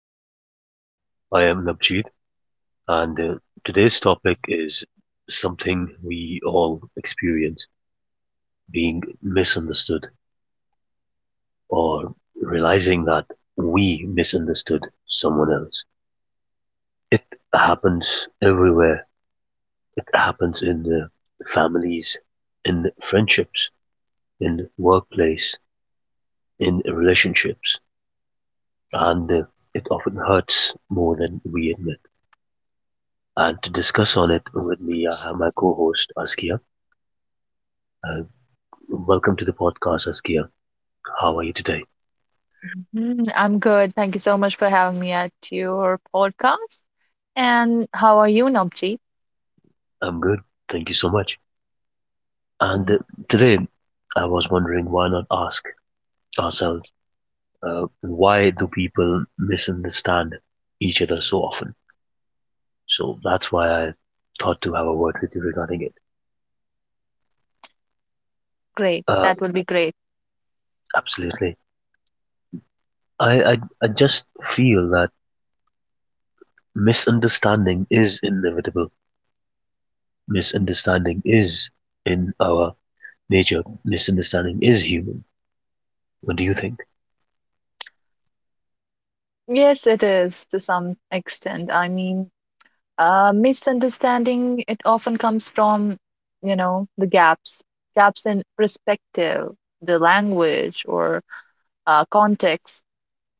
podcast. I am Nabjeet, and today's topic is something we all experience being misunderstood or realizing that we misunderstood someone else. It happens everywhere, it happens in the families, in friendships, in workplace, in relationships, and it often hurts more than we admit. And to discuss on it with me, I have my co-host Askia. Uh, Welcome to the podcast, Askia. How are you today? Mhm, I'm good. Thank you so much for having me at your podcast. And how are you, Nobji? I'm good. Thank you so much. And Mm, uh, today, I was wondering why not ask ourselves why do people misunderstand each other so often? So that's why I thought to have a word with you regarding it. Great. Uh, That would be great. Absolutely. I just feel that misunderstanding is inevitable. Misunderstanding is in our nature misunderstanding is human. What do you think? Yes, it is to some extent. I mean, misunderstanding, it often comes from, you know, the gaps, gaps in perspective, the language or context.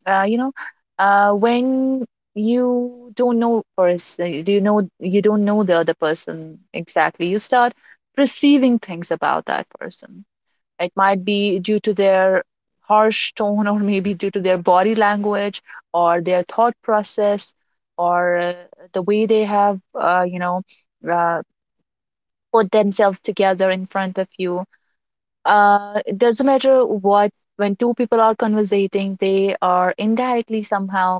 uh, you know, when you don't know the other person exactly. You start perceiving things about that person. It might be due to their harsh tone, or maybe due to their body language, or their thought process, or the way they have, uh, put themselves together in front of you. It doesn't matter what when two people are conversating, they are indirectly, somehow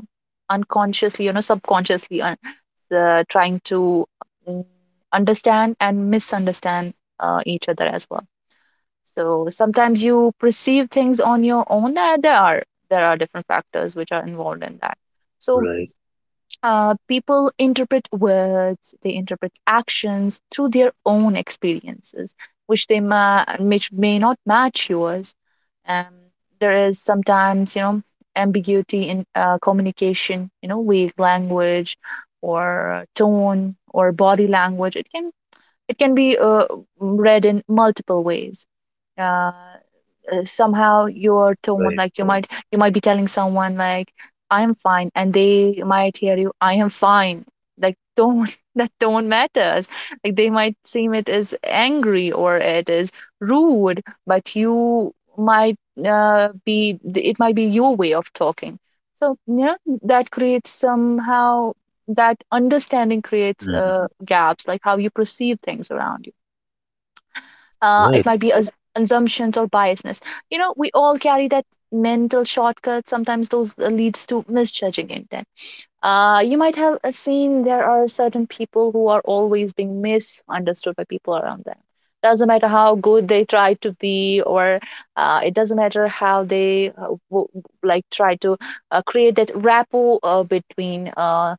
unconsciously, you know, subconsciously trying to mm, understand and misunderstand each other as well. So sometimes you perceive things on your own. That there are there are different factors which are involved in that. so Right. People interpret words, they interpret actions through their own experiences, which which may not match yours. Um, there is sometimes, you know, ambiguity in communication, you know, vague language or tone or body language. It can be read in multiple ways. Uh, Somehow your tone, Right. like, you might be telling someone like, "I am fine," and they might hear you, "I am fine," like tone. That tone matters. Like, they might seem it is angry or it is rude, but you might be it might be your way of talking. So yeah, that creates, somehow, that understanding creates Hmm. Gaps, like how you perceive things around you. It Right. might be assumptions or biasness. You know, we all carry that mental shortcut. Sometimes those leads to misjudging intent. You might have seen there are certain people who are always being misunderstood by people around them. Doesn't matter how good they try to be, or it doesn't matter how they like try to create that rapport between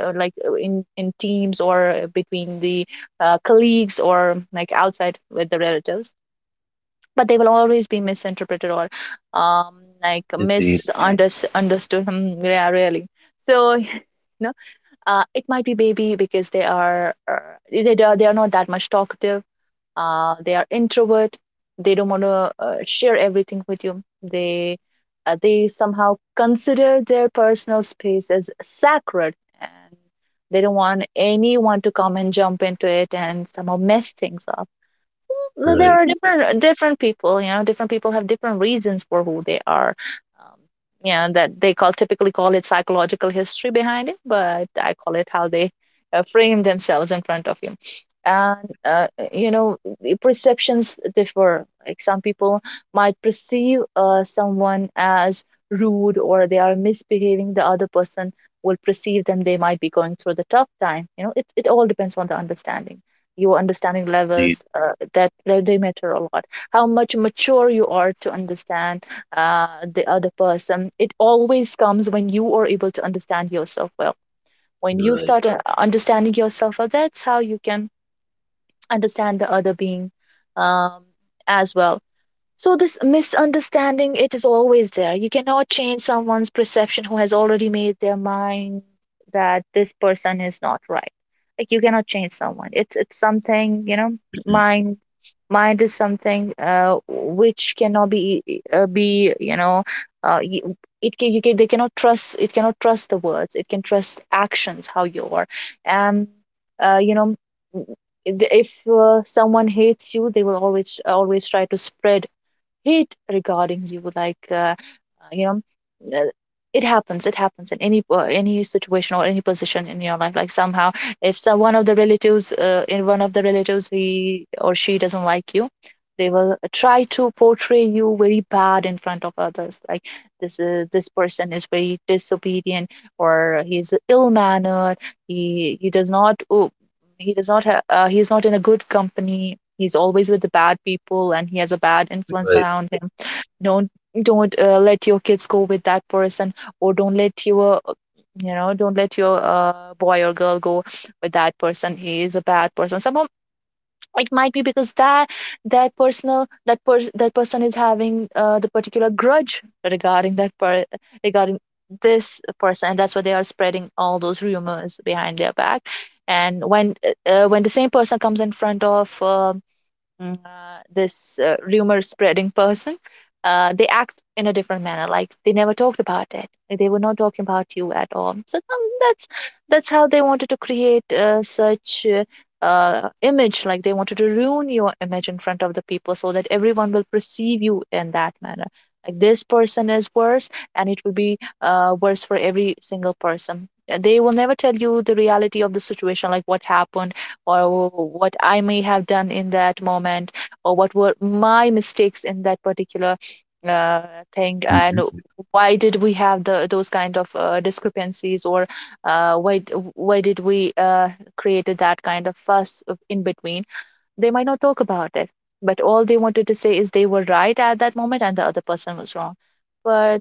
like in teams, or between the colleagues, or like outside with the relatives, but they will always be misinterpreted or um, like Indeed. misunderstood. Hmm, yeah, really. So you know, it might be baby because they are they are not that much talkative. They are introvert. They don't want to share everything with you. They somehow consider their personal space as sacred, and they don't want anyone to come and jump into it and somehow mess things up. Well, there Right. are different different people, you know, different people have different reasons for who they are. Um, you know, that they call, typically call it psychological history behind it, but I call it how they frame themselves in front of you. And you know, the perceptions differ. Like, some people might perceive someone as rude or they are misbehaving. The other person will perceive them, they might be going through the tough time. You know, it all depends on the understanding, your understanding Indeed. levels. That they matter a lot. How much mature you are to understand uh, the other person, it always comes when you are able to understand yourself well. When you Right. start understanding yourself well, that's how you can understand the other being, um, as well. So this misunderstanding, it is always there. You cannot change someone's perception who has already made their mind that this person is not right. Like, you cannot change someone. It's something, you know, Mm. mind mind is something which cannot be uh, you, it can, you can, they cannot trust, it cannot trust the words. It can trust actions, how you are. Um you know, m- if someone hates you, they will always always try to spread hate regarding you, like you know uh, it happens, it happens in any situation or any position in your life. Like, somehow, if some one of the relatives, in one of the relatives, he or she doesn't like you, they will try to portray you very bad in front of others. Like, this person is very disobedient, or he's ill mannered, he he does not uh, he does not have. He's not in a good company, he's always with the bad people and he has a bad influence Right. around him. Don't don't uh, let your kids go with that person, or don't let your, you know, don't let your boy or girl go with that person. He is a bad person somehow. It might be because that person is having the particular grudge regarding regarding this person, and that's why they are spreading all those rumors behind their back. And when the same person comes in front of this rumor spreading person, they act in a different manner, like they never talked about it, like they were not talking about you at all. So that's how they wanted to create such image. Like, they wanted to ruin your image in front of the people so that everyone will perceive you in that manner, like this person is worse, and it will be worse for every single person. They will never tell you the reality of the situation, like what happened, or what I may have done in that moment, or what were my mistakes in that particular uh, thing, and Hmm. why did we have the those kind of discrepancies, or why did we created that kind of fuss in between? They might not talk about it, but all they wanted to say is they were right at that moment and the other person was wrong. But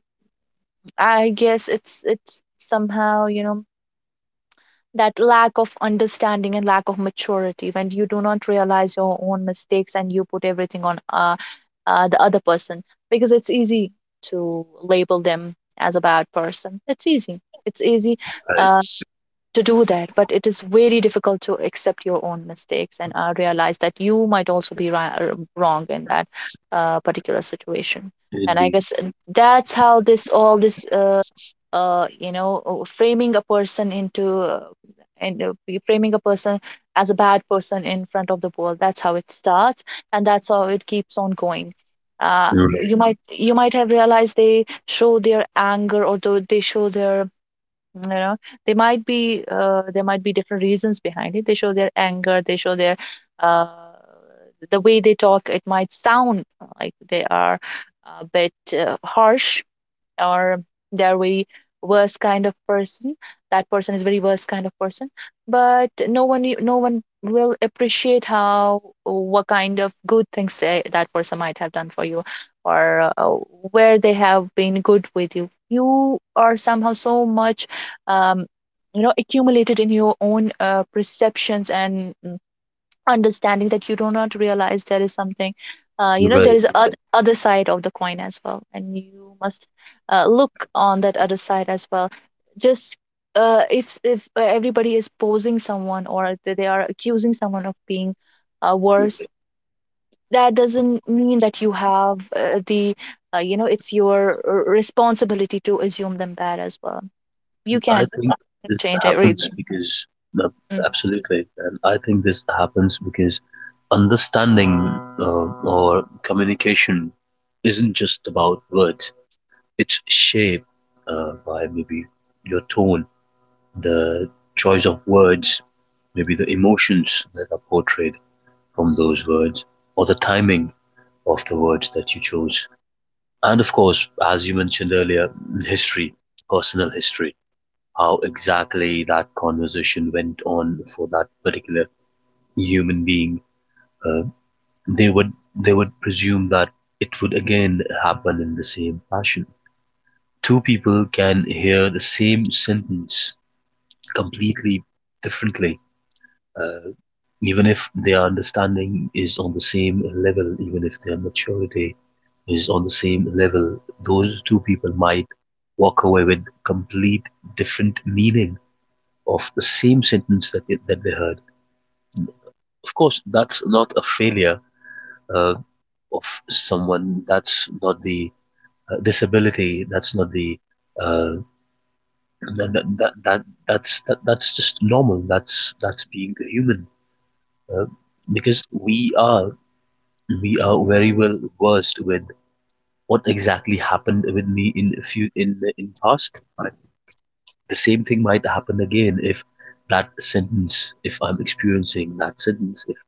I guess it's somehow, you know, that lack of understanding and lack of maturity, when you do not realize your own mistakes and you put everything on the other person, because it's easy to label them as a bad person. it's easy it's easy Right. Uh, to do that, but it is very difficult to accept your own mistakes and realize that you might also be wrong in that particular situation. And I Indeed. guess that's how this all this, framing a person into, framing a person as a bad person in front of the world, that's how it starts, and that's how it keeps on going. uh, Right. you might, you might have realized they show their anger, or they show their, you know, they might be there might be different reasons behind it. They show their anger, they show their uh, the way they talk, it might sound like they are a bit harsh, or they're very worst kind of person, that person is very worst kind of person. But no one, no one will appreciate how what kind of good things they, that person might have done for you, or where they have been good with you. You are somehow so much, um, you know, accumulated in your own perceptions and understanding that you do not realize there is something, there Right. is other side of the coin as well, and you must look on that other side as well. Just if everybody is posing someone, or they are accusing someone of being worse, Right. that doesn't mean that you have the you know, it's your responsibility to assume them bad as well. You I can think this change happens everything. because, uh, absolutely, and I think this happens because understanding or communication isn't just about words, it's shaped by maybe your tone, the choice of words, maybe the emotions that are portrayed from those words, or the timing of the words that you chose. And of course, as you mentioned earlier, history, personal history, how exactly that conversation went on for that particular human being. Uh, they would they would presume that it would again happen in the same fashion. Two people can hear the same sentence completely differently. Uh, Even if their understanding is on the same level, even if their maturity is on the same level, those two people might walk away with complete different meaning of the same sentence that they heard. Of course, that's not a failure uh, of someone. That's not the disability. That's not the uh, that, that, that, that's just normal. That's being human uh, because we are very well versed with what exactly happened with me in a few in past. But the same thing might happen again if that sentence, if I'm experiencing that sentence, if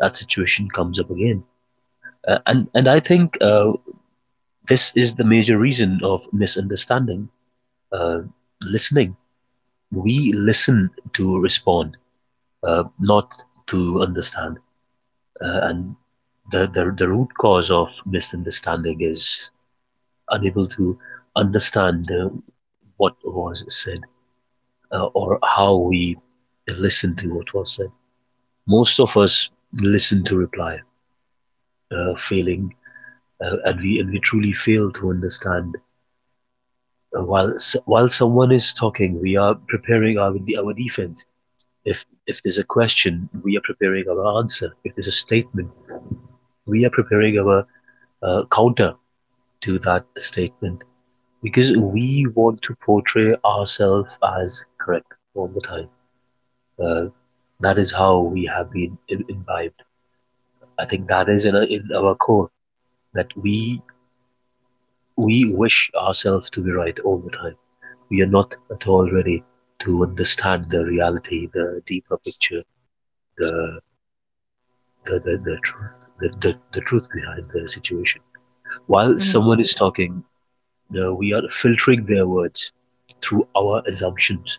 that situation comes up again. And I think this is the major reason of misunderstanding. Uh, Listening, we listen to respond, not to understand. And the, the root cause of misunderstanding is unable to understand what was said or how we listen to what was said. Most of us listen to reply, failing, and we truly fail to understand. Uh, while while someone is talking, we are preparing our defense. If there's a question, we are preparing our answer. If there's a statement, we are preparing our counter to that statement because we want to portray ourselves as correct all the time. Uh, that is how we have been imbibed. I think that is in our core that we wish ourselves to be right all the time. We are not at all ready to understand the reality, the deeper picture, the the truth, the truth behind the situation. While Mm-hmm. someone is talking, we are filtering their words through our assumptions.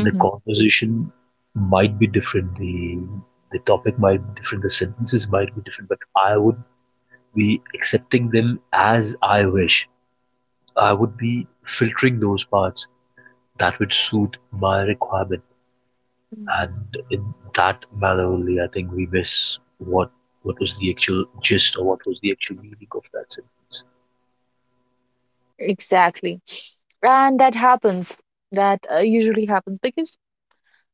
The conversation might be different. The topic might be different. The sentences might be different. But I would be accepting them as I wish. I would be filtering those parts that would suit my requirement. And in that manner only, I think we miss what was the actual gist or what was the actual meaning of that sin. Exactly. And that happens, that usually happens because,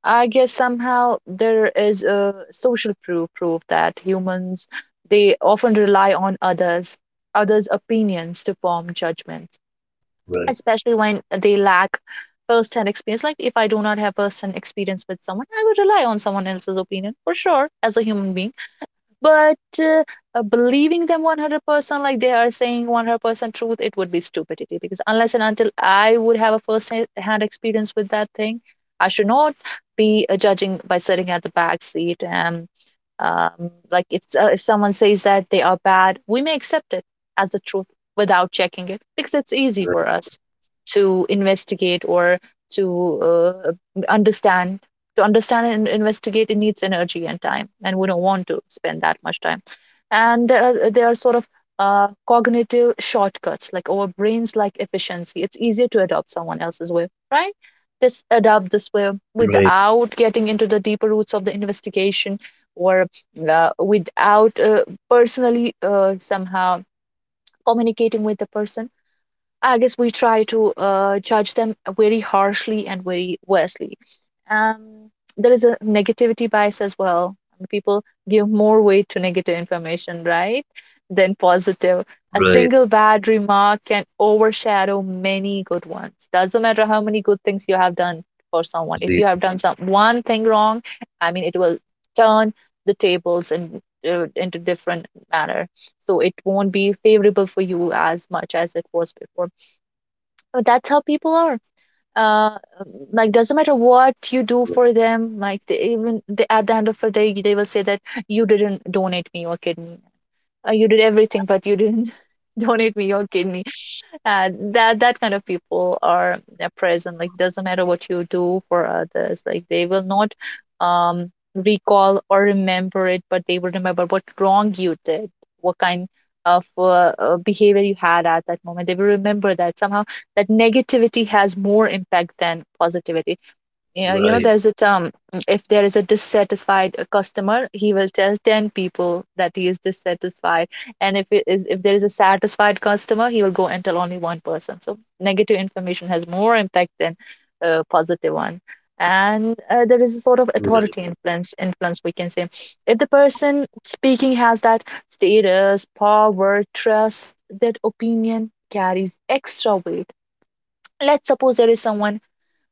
I guess, somehow there is a social proof that humans, they often rely on others, others opinions to form judgments, Right. especially when they lack first hand experience. Like, if I do not have first hand experience with someone, I would rely on someone else's opinion for sure as a human being. But believing them 100% like they are saying 100% truth, it would be stupidity, because unless and until I would have a hand experience with that thing, I should not be judging by sitting at the back seat. And like, if someone says that they are bad, we may accept it as the truth without checking it, because it's easy for Right. us to investigate, or to understand. To understand and investigate, it needs energy and time, and we don't want to spend that much time. And there are sort of cognitive shortcuts, like, our brains like efficiency. It's easier to adopt someone else's way, right? Just adopt this way Right. without getting into the deeper roots of the investigation or without personally somehow communicating with the person. I guess we try to judge them very harshly and very worstly. Um, there is a negativity bias as well. People give more weight to negative information, right, than positive. A Right. single bad remark can overshadow many good ones. Doesn't matter how many good things you have done for someone. If you Indeed. have done some one thing wrong, I mean, it will turn the tables in into different manner, so it won't be favorable for you as much as it was before. That's how people are, uh um, like doesn't matter what you do for them, like they even they, at the end of the day they will say that you didn't donate me your kidney. You did everything but you didn't donate me your kidney. That kind of people are present, like doesn't matter what you do for others, like they will not recall or remember it, but they will remember what wrong you did, what kind of behavior you had at that moment. They will remember that somehow that negativity has more impact than positivity. Yeah, Right. there's a term. If there is a dissatisfied customer, he will tell 10 people that he is dissatisfied. And if there is a satisfied customer, he will go and tell only one person. So negative information has more impact than positive one. And there is a sort of Right. authority influence, we can say. If the person speaking has that status, power, trust, that opinion carries extra weight. Let's suppose there is someone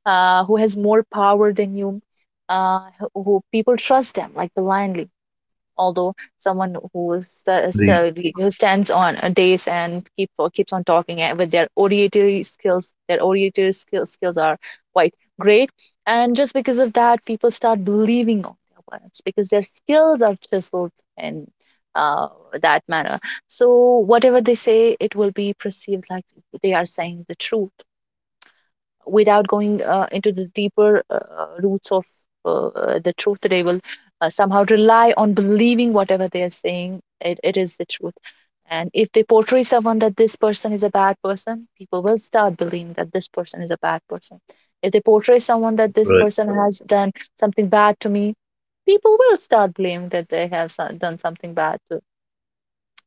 who has more power than you, uh, who people trust them like blindly. Although someone who is Indeed. Who stands on a days and keep or keeps on talking, and with their oratory skills, their oratory skills are quite great, and just because of that, people start believing on their words because their skills are chiseled in uh, that manner. So whatever they say, it will be perceived like they are saying the truth without going into the deeper roots of the truth. They will somehow rely on believing whatever they are saying, it is the truth. And if they portray someone that this person is a bad person, people will start believing that this person is a bad person. If they portray someone that this Right. person Mm. has done something bad to me, people will start blaming that they have done something bad to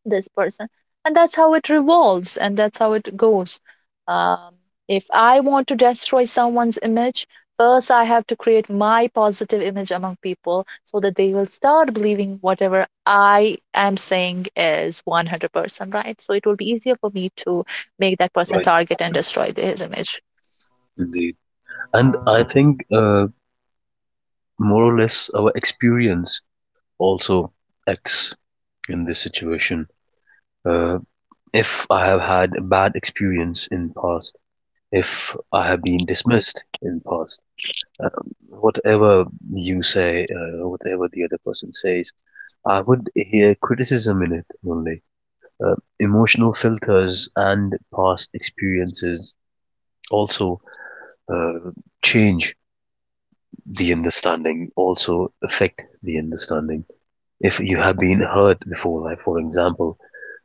this person, and that's how it revolves and that's how it goes. um, if I want to destroy someone's image, first I have to create my positive image among people so that they will start believing whatever I am saying is 100% right, so it will be easier for me to make that person Right. target and destroy his image. Indeed. And I think more or less our experience also acts in this situation. Uh, if I have had a bad experience in past, if I have been dismissed in past, uh, whatever you say, whatever the other person says, I would hear criticism in it only. Emotional filters and past experiences also uh, change the understanding, also affect the understanding. If you have been hurt before, like for example,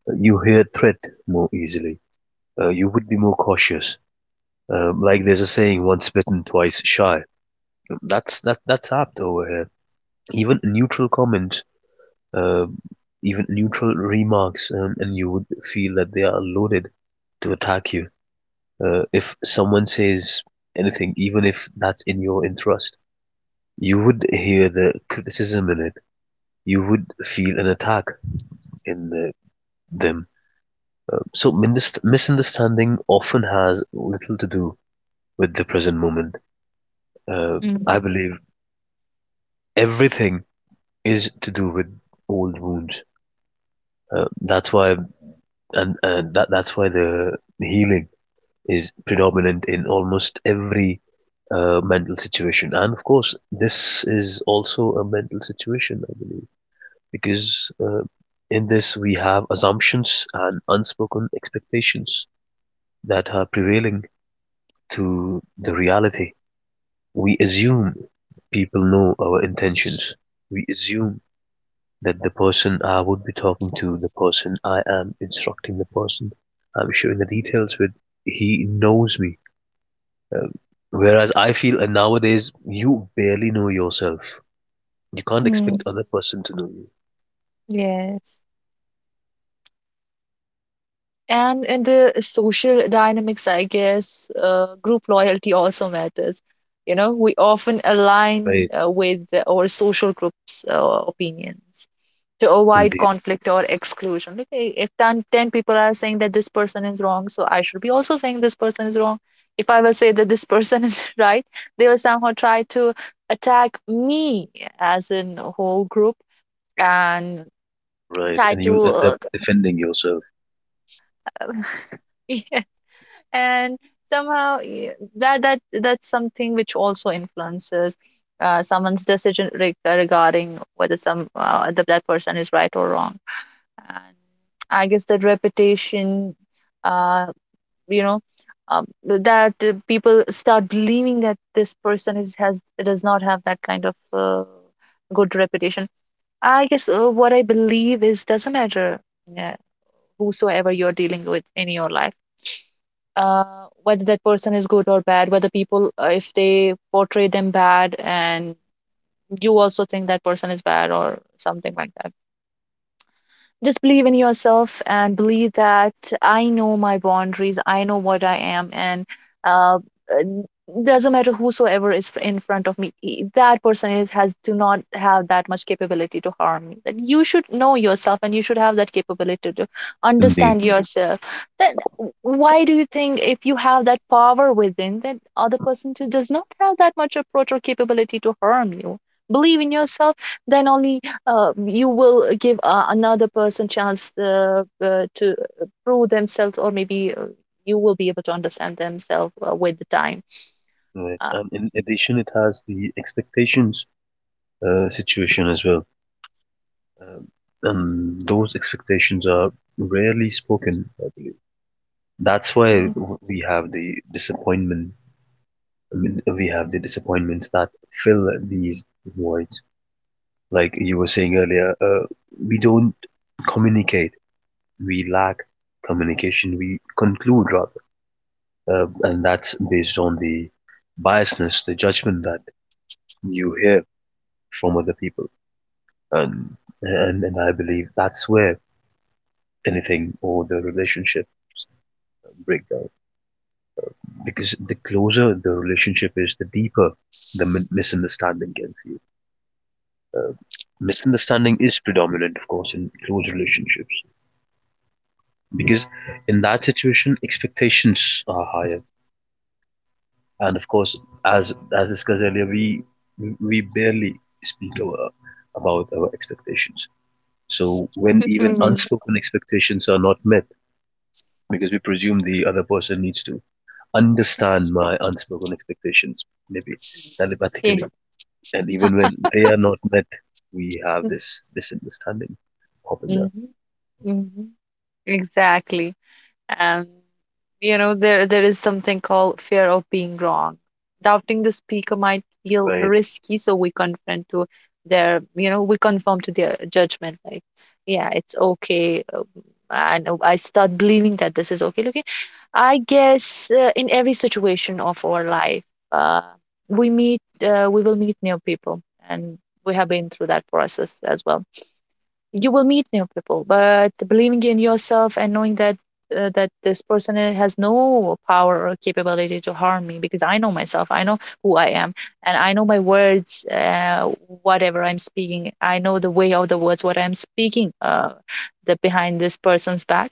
you hear threat more easily. You would be more cautious. Like there's a saying, once bitten, twice shy. That's apt over here. Even a neutral comment, um, even neutral remarks, and you would feel that they are loaded to attack you. If someone says anything, even if that's in your interest, you would hear the criticism in it. You would feel an attack in them. So misunderstanding often has little to do with the present moment. Uh, I Mm, believe everything is to do with old wounds. That's why, and that's why the healing is predominant in almost every mental situation. And of course, this is also a mental situation, I believe, because in this we have assumptions and unspoken expectations that are prevailing to the reality. We assume people know our intentions. We assume that the person I would be talking to, the person I am instructing, the person I'm sharing the details with, he knows me. Um, Whereas I feel, and nowadays you barely know yourself. You can't expect mm, other person to know you. yes. And in the social dynamics, I guess group loyalty also matters. You know, we often align Right. With our social group's opinions to avoid Indeed. conflict or exclusion. Like, if 10, ten people are saying that this person is wrong, so I should be also saying this person is wrong. If I will say that this person is right, they will somehow try to attack me as in a whole group, and Right. try And you'll end up to defending yourself. uh, and somehow that's something which also influences someone's decision regarding whether some that person is right or wrong. And I guess that reputation, uh, you know that people start believing that this person is has does not have that kind of good reputation. I guess what I believe is doesn't matter, yeah, whosoever you're dealing with in your life, uh, whether that person is good or bad, whether people, if they portray them bad and you also think that person is bad or something like that. Just believe in yourself and believe that I know my boundaries, I know what I am, and uh, uh, doesn't matter whosoever is in front of me, that person is has do not have that much capability to harm me. That you should know yourself and you should have that capability to Indeed. understand Mhm. yourself. Then w- why do you think if you have that power within, then other person too does not have that much approach or capability to harm you? Believe in yourself, then only you will give another person chance to prove themselves, or maybe you will be able to understand themselves with the time. Right. uh, And in addition, it has the expectations situation as well, um, and those expectations are rarely spoken. That's why Mhm. we have the disappointment. I mean, we have the disappointments that fill these voids. Like you were saying earlier, we don't communicate. We lack communication. We conclude rather, and that's based on the biasness, the judgment that you hear from other people. And and I believe that's where anything or the relationship break down because the closer the relationship is, the deeper the misunderstanding can misunderstanding is predominant, of course, in close relationships because in that situation expectations are higher, and of course, as discussed earlier, we barely speak about our expectations. So when even Mhm. unspoken expectations are not met, because we presume the other person needs to understand my unspoken expectations, maybe Yeah, telepathically, and even when they are not met, we have this misunderstanding popping up. mm-hmm, exactly. And you know there is something called fear of being wrong. Doubting the speaker might feel Right. risky, so we confront to their, you know, we conform to their judgment, like yeah it's okay. And I start believing that this is okay looking. I guess in every situation of our life, uh, we meet we will meet new people, and we have been through that process as well. You will meet new people but believing in yourself and knowing that that this person has no power or capability to harm me, because I know myself, I know who I am, and I know my words. Whatever I'm speaking, I know the way of the words what I'm speaking the behind this person's back.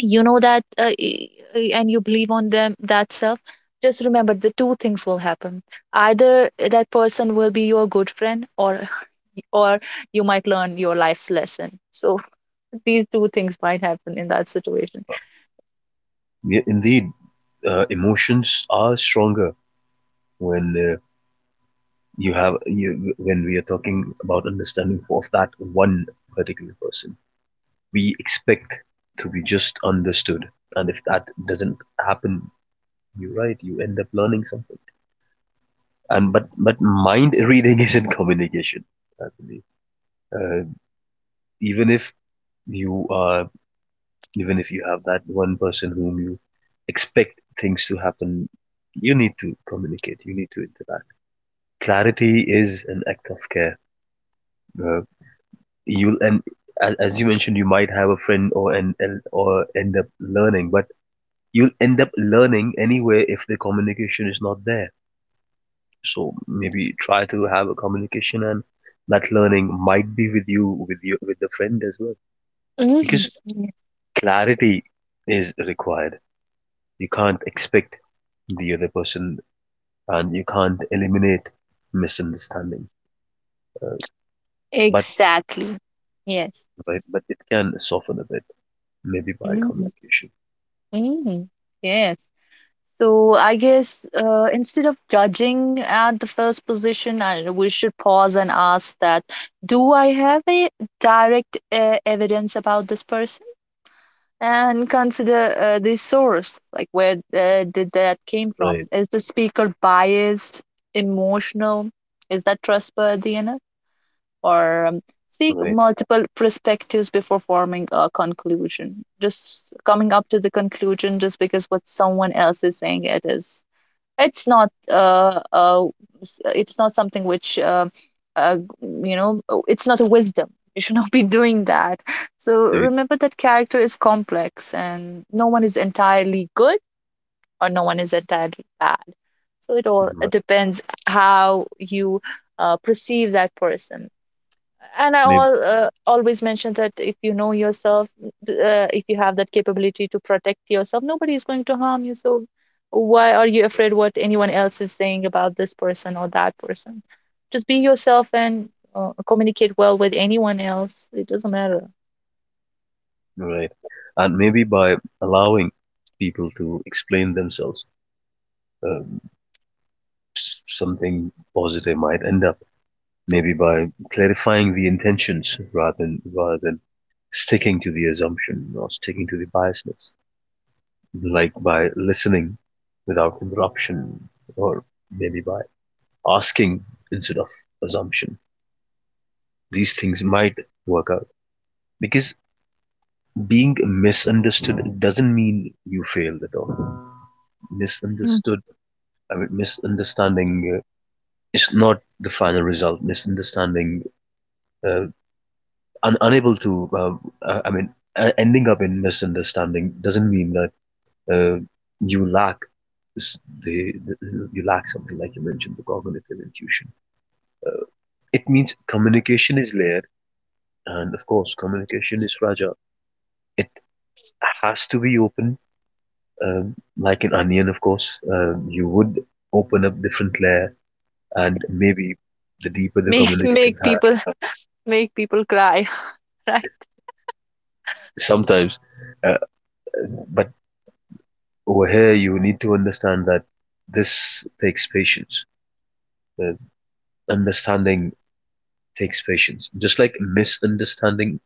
You know that and you believe on them that self. Just remember the two things will happen. Either that person will be your good friend, or you might learn your life's lesson. So these two things might happen in that situation. Yeah, indeed. Emotions are stronger when when we are talking about understanding of that one particular person. We expect to be just understood, and if that doesn't happen, you're right. You end up learning something. And but mind reading isn't communication. I believe. Uh, even if you are even if you have that one person whom you expect things to happen, you need to communicate. You need to interact. Clarity is an act of care. Uh, you'll and as you mentioned, you might have a friend or end up learning, but you'll end up learning anyway if the communication is not there. So maybe try to have a communication, and that learning might be with you, with the friend as well, Mhm. because Yeah, clarity is required. You can't expect the other person, and you can't eliminate misunderstanding, but exactly. Yes. but, it can soften a bit. Maybe by Mhm. communication. Mhm. Yes. So I guess instead of judging at the first position, we should pause and ask that, do I have a direct evidence about this person? And consider the source, like where did that came from? Right. Is the speaker biased, emotional? Is that trustworthy enough? Or seek Right. multiple perspectives before forming a conclusion. Just coming up to the conclusion just because what someone else is saying it is, it's not uh, uh it's not something which uh you know it's not a wisdom. You should not be doing that. So Indeed. remember that character is complex, and no one is entirely good or no one is entirely bad. So it Right. depends how you perceive that person. And Maybe. Always mention that if you know yourself, if you have that capability to protect yourself, nobody is going to harm you. So why are you afraid what anyone else is saying about this person or that person? Just be yourself and communicate well with anyone else, it doesn't matter. Right. And maybe by allowing people to explain themselves, um, something positive might end up. Maybe by clarifying the intentions rather than sticking to the assumption or sticking to the biasness. Like by listening without interruption, or maybe by asking instead of assumption. These things might work out because being misunderstood doesn't mean you failed at all. Mm. Misunderstood, I mean, misunderstanding is not the final result. Misunderstanding, uh, unable to, I mean, ending up in misunderstanding doesn't mean that uh, you lack s- the, the you lack something like you mentioned the cognitive intuition. It means communication is layered, and of course, communication is fragile. It has to be open, like an onion, of course, you would open up different layer, and maybe the deeper the make communication make people make people cry right. sometimes. Uh, but over here, you need to understand that this takes patience. Uh, Understanding takes patience. Just like misunderstanding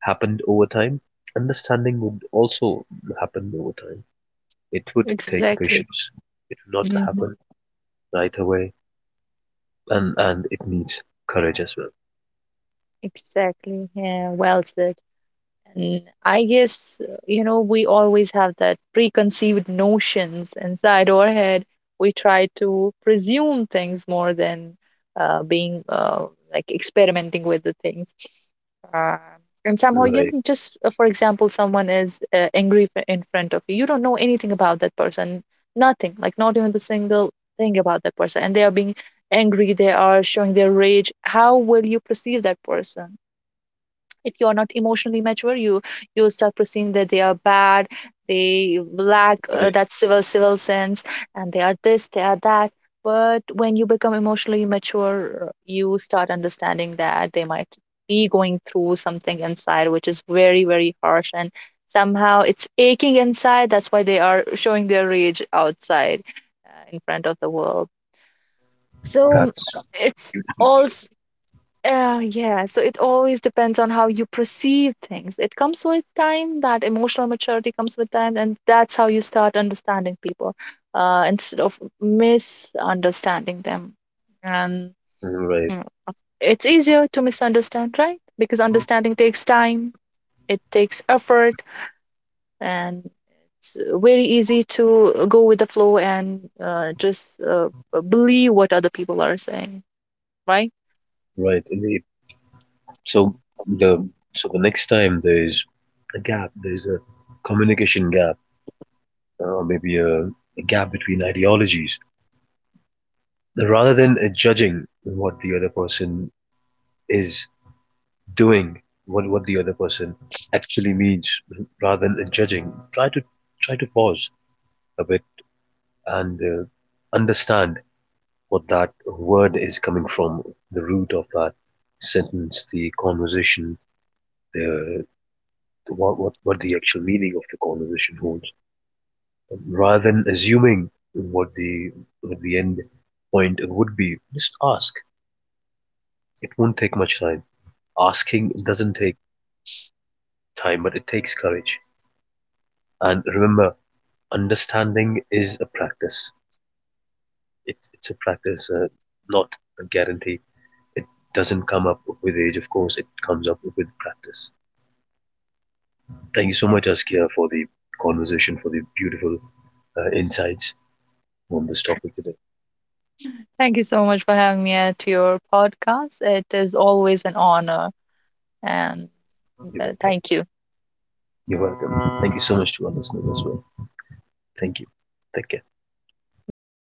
happened over time, understanding would also happen over time. It would take Exactly. patience. It would not Mhm. happen right away, and it needs courage as well. Exactly, yeah, well said. And I guess, we always have that preconceived notions inside our head. We try to presume things more than being like experimenting with the things. Uh, and somehow, you Right. know, just for example, someone is angry in front of you. You don't know anything about that person, nothing, like not even the single thing about that person. And they are being angry, they are showing their rage. How will you perceive that person? If you are not emotionally mature, you will start perceiving that they are bad, they lack Right. that civil sense, and they are this they are that. But when you become emotionally mature, you start understanding that they might be going through something inside which is very, very harsh, and somehow it's aching inside, that's why they are showing their rage outside in front of the world. So That's it's all yeah, so it always depends on how you perceive things. It comes with time, that emotional maturity comes with time, and that's how you start understanding people instead of misunderstanding them. And right. mm, it's easier to misunderstand, right? Because understanding takes time, it takes effort, and it's very easy to go with the flow and just believe what other people are saying, right? Right. Indeed. So the so the next time there's a gap, there's a communication gap, or maybe a gap between ideologies. Rather than judging what the other person is doing, what the other person actually means, rather than judging, try to try to pause a bit and understand what that word is coming from, the root of that sentence, the conversation, the what the actual meaning of the conversation holds, rather than assuming what the end point would be. Just ask. It won't take much time. Asking doesn't take time, but it takes courage. And remember, understanding is a practice. It's a practice, not a guarantee. It doesn't come up with age, of course. It comes up with practice. Thank you so much, Askia, for the conversation, for the beautiful insights on this topic today. Thank you so much for having me at your podcast. It is always an honor. And You're welcome. thank you. You're welcome. Thank you so much to our listeners as well. Thank you. Take care. Bye bye.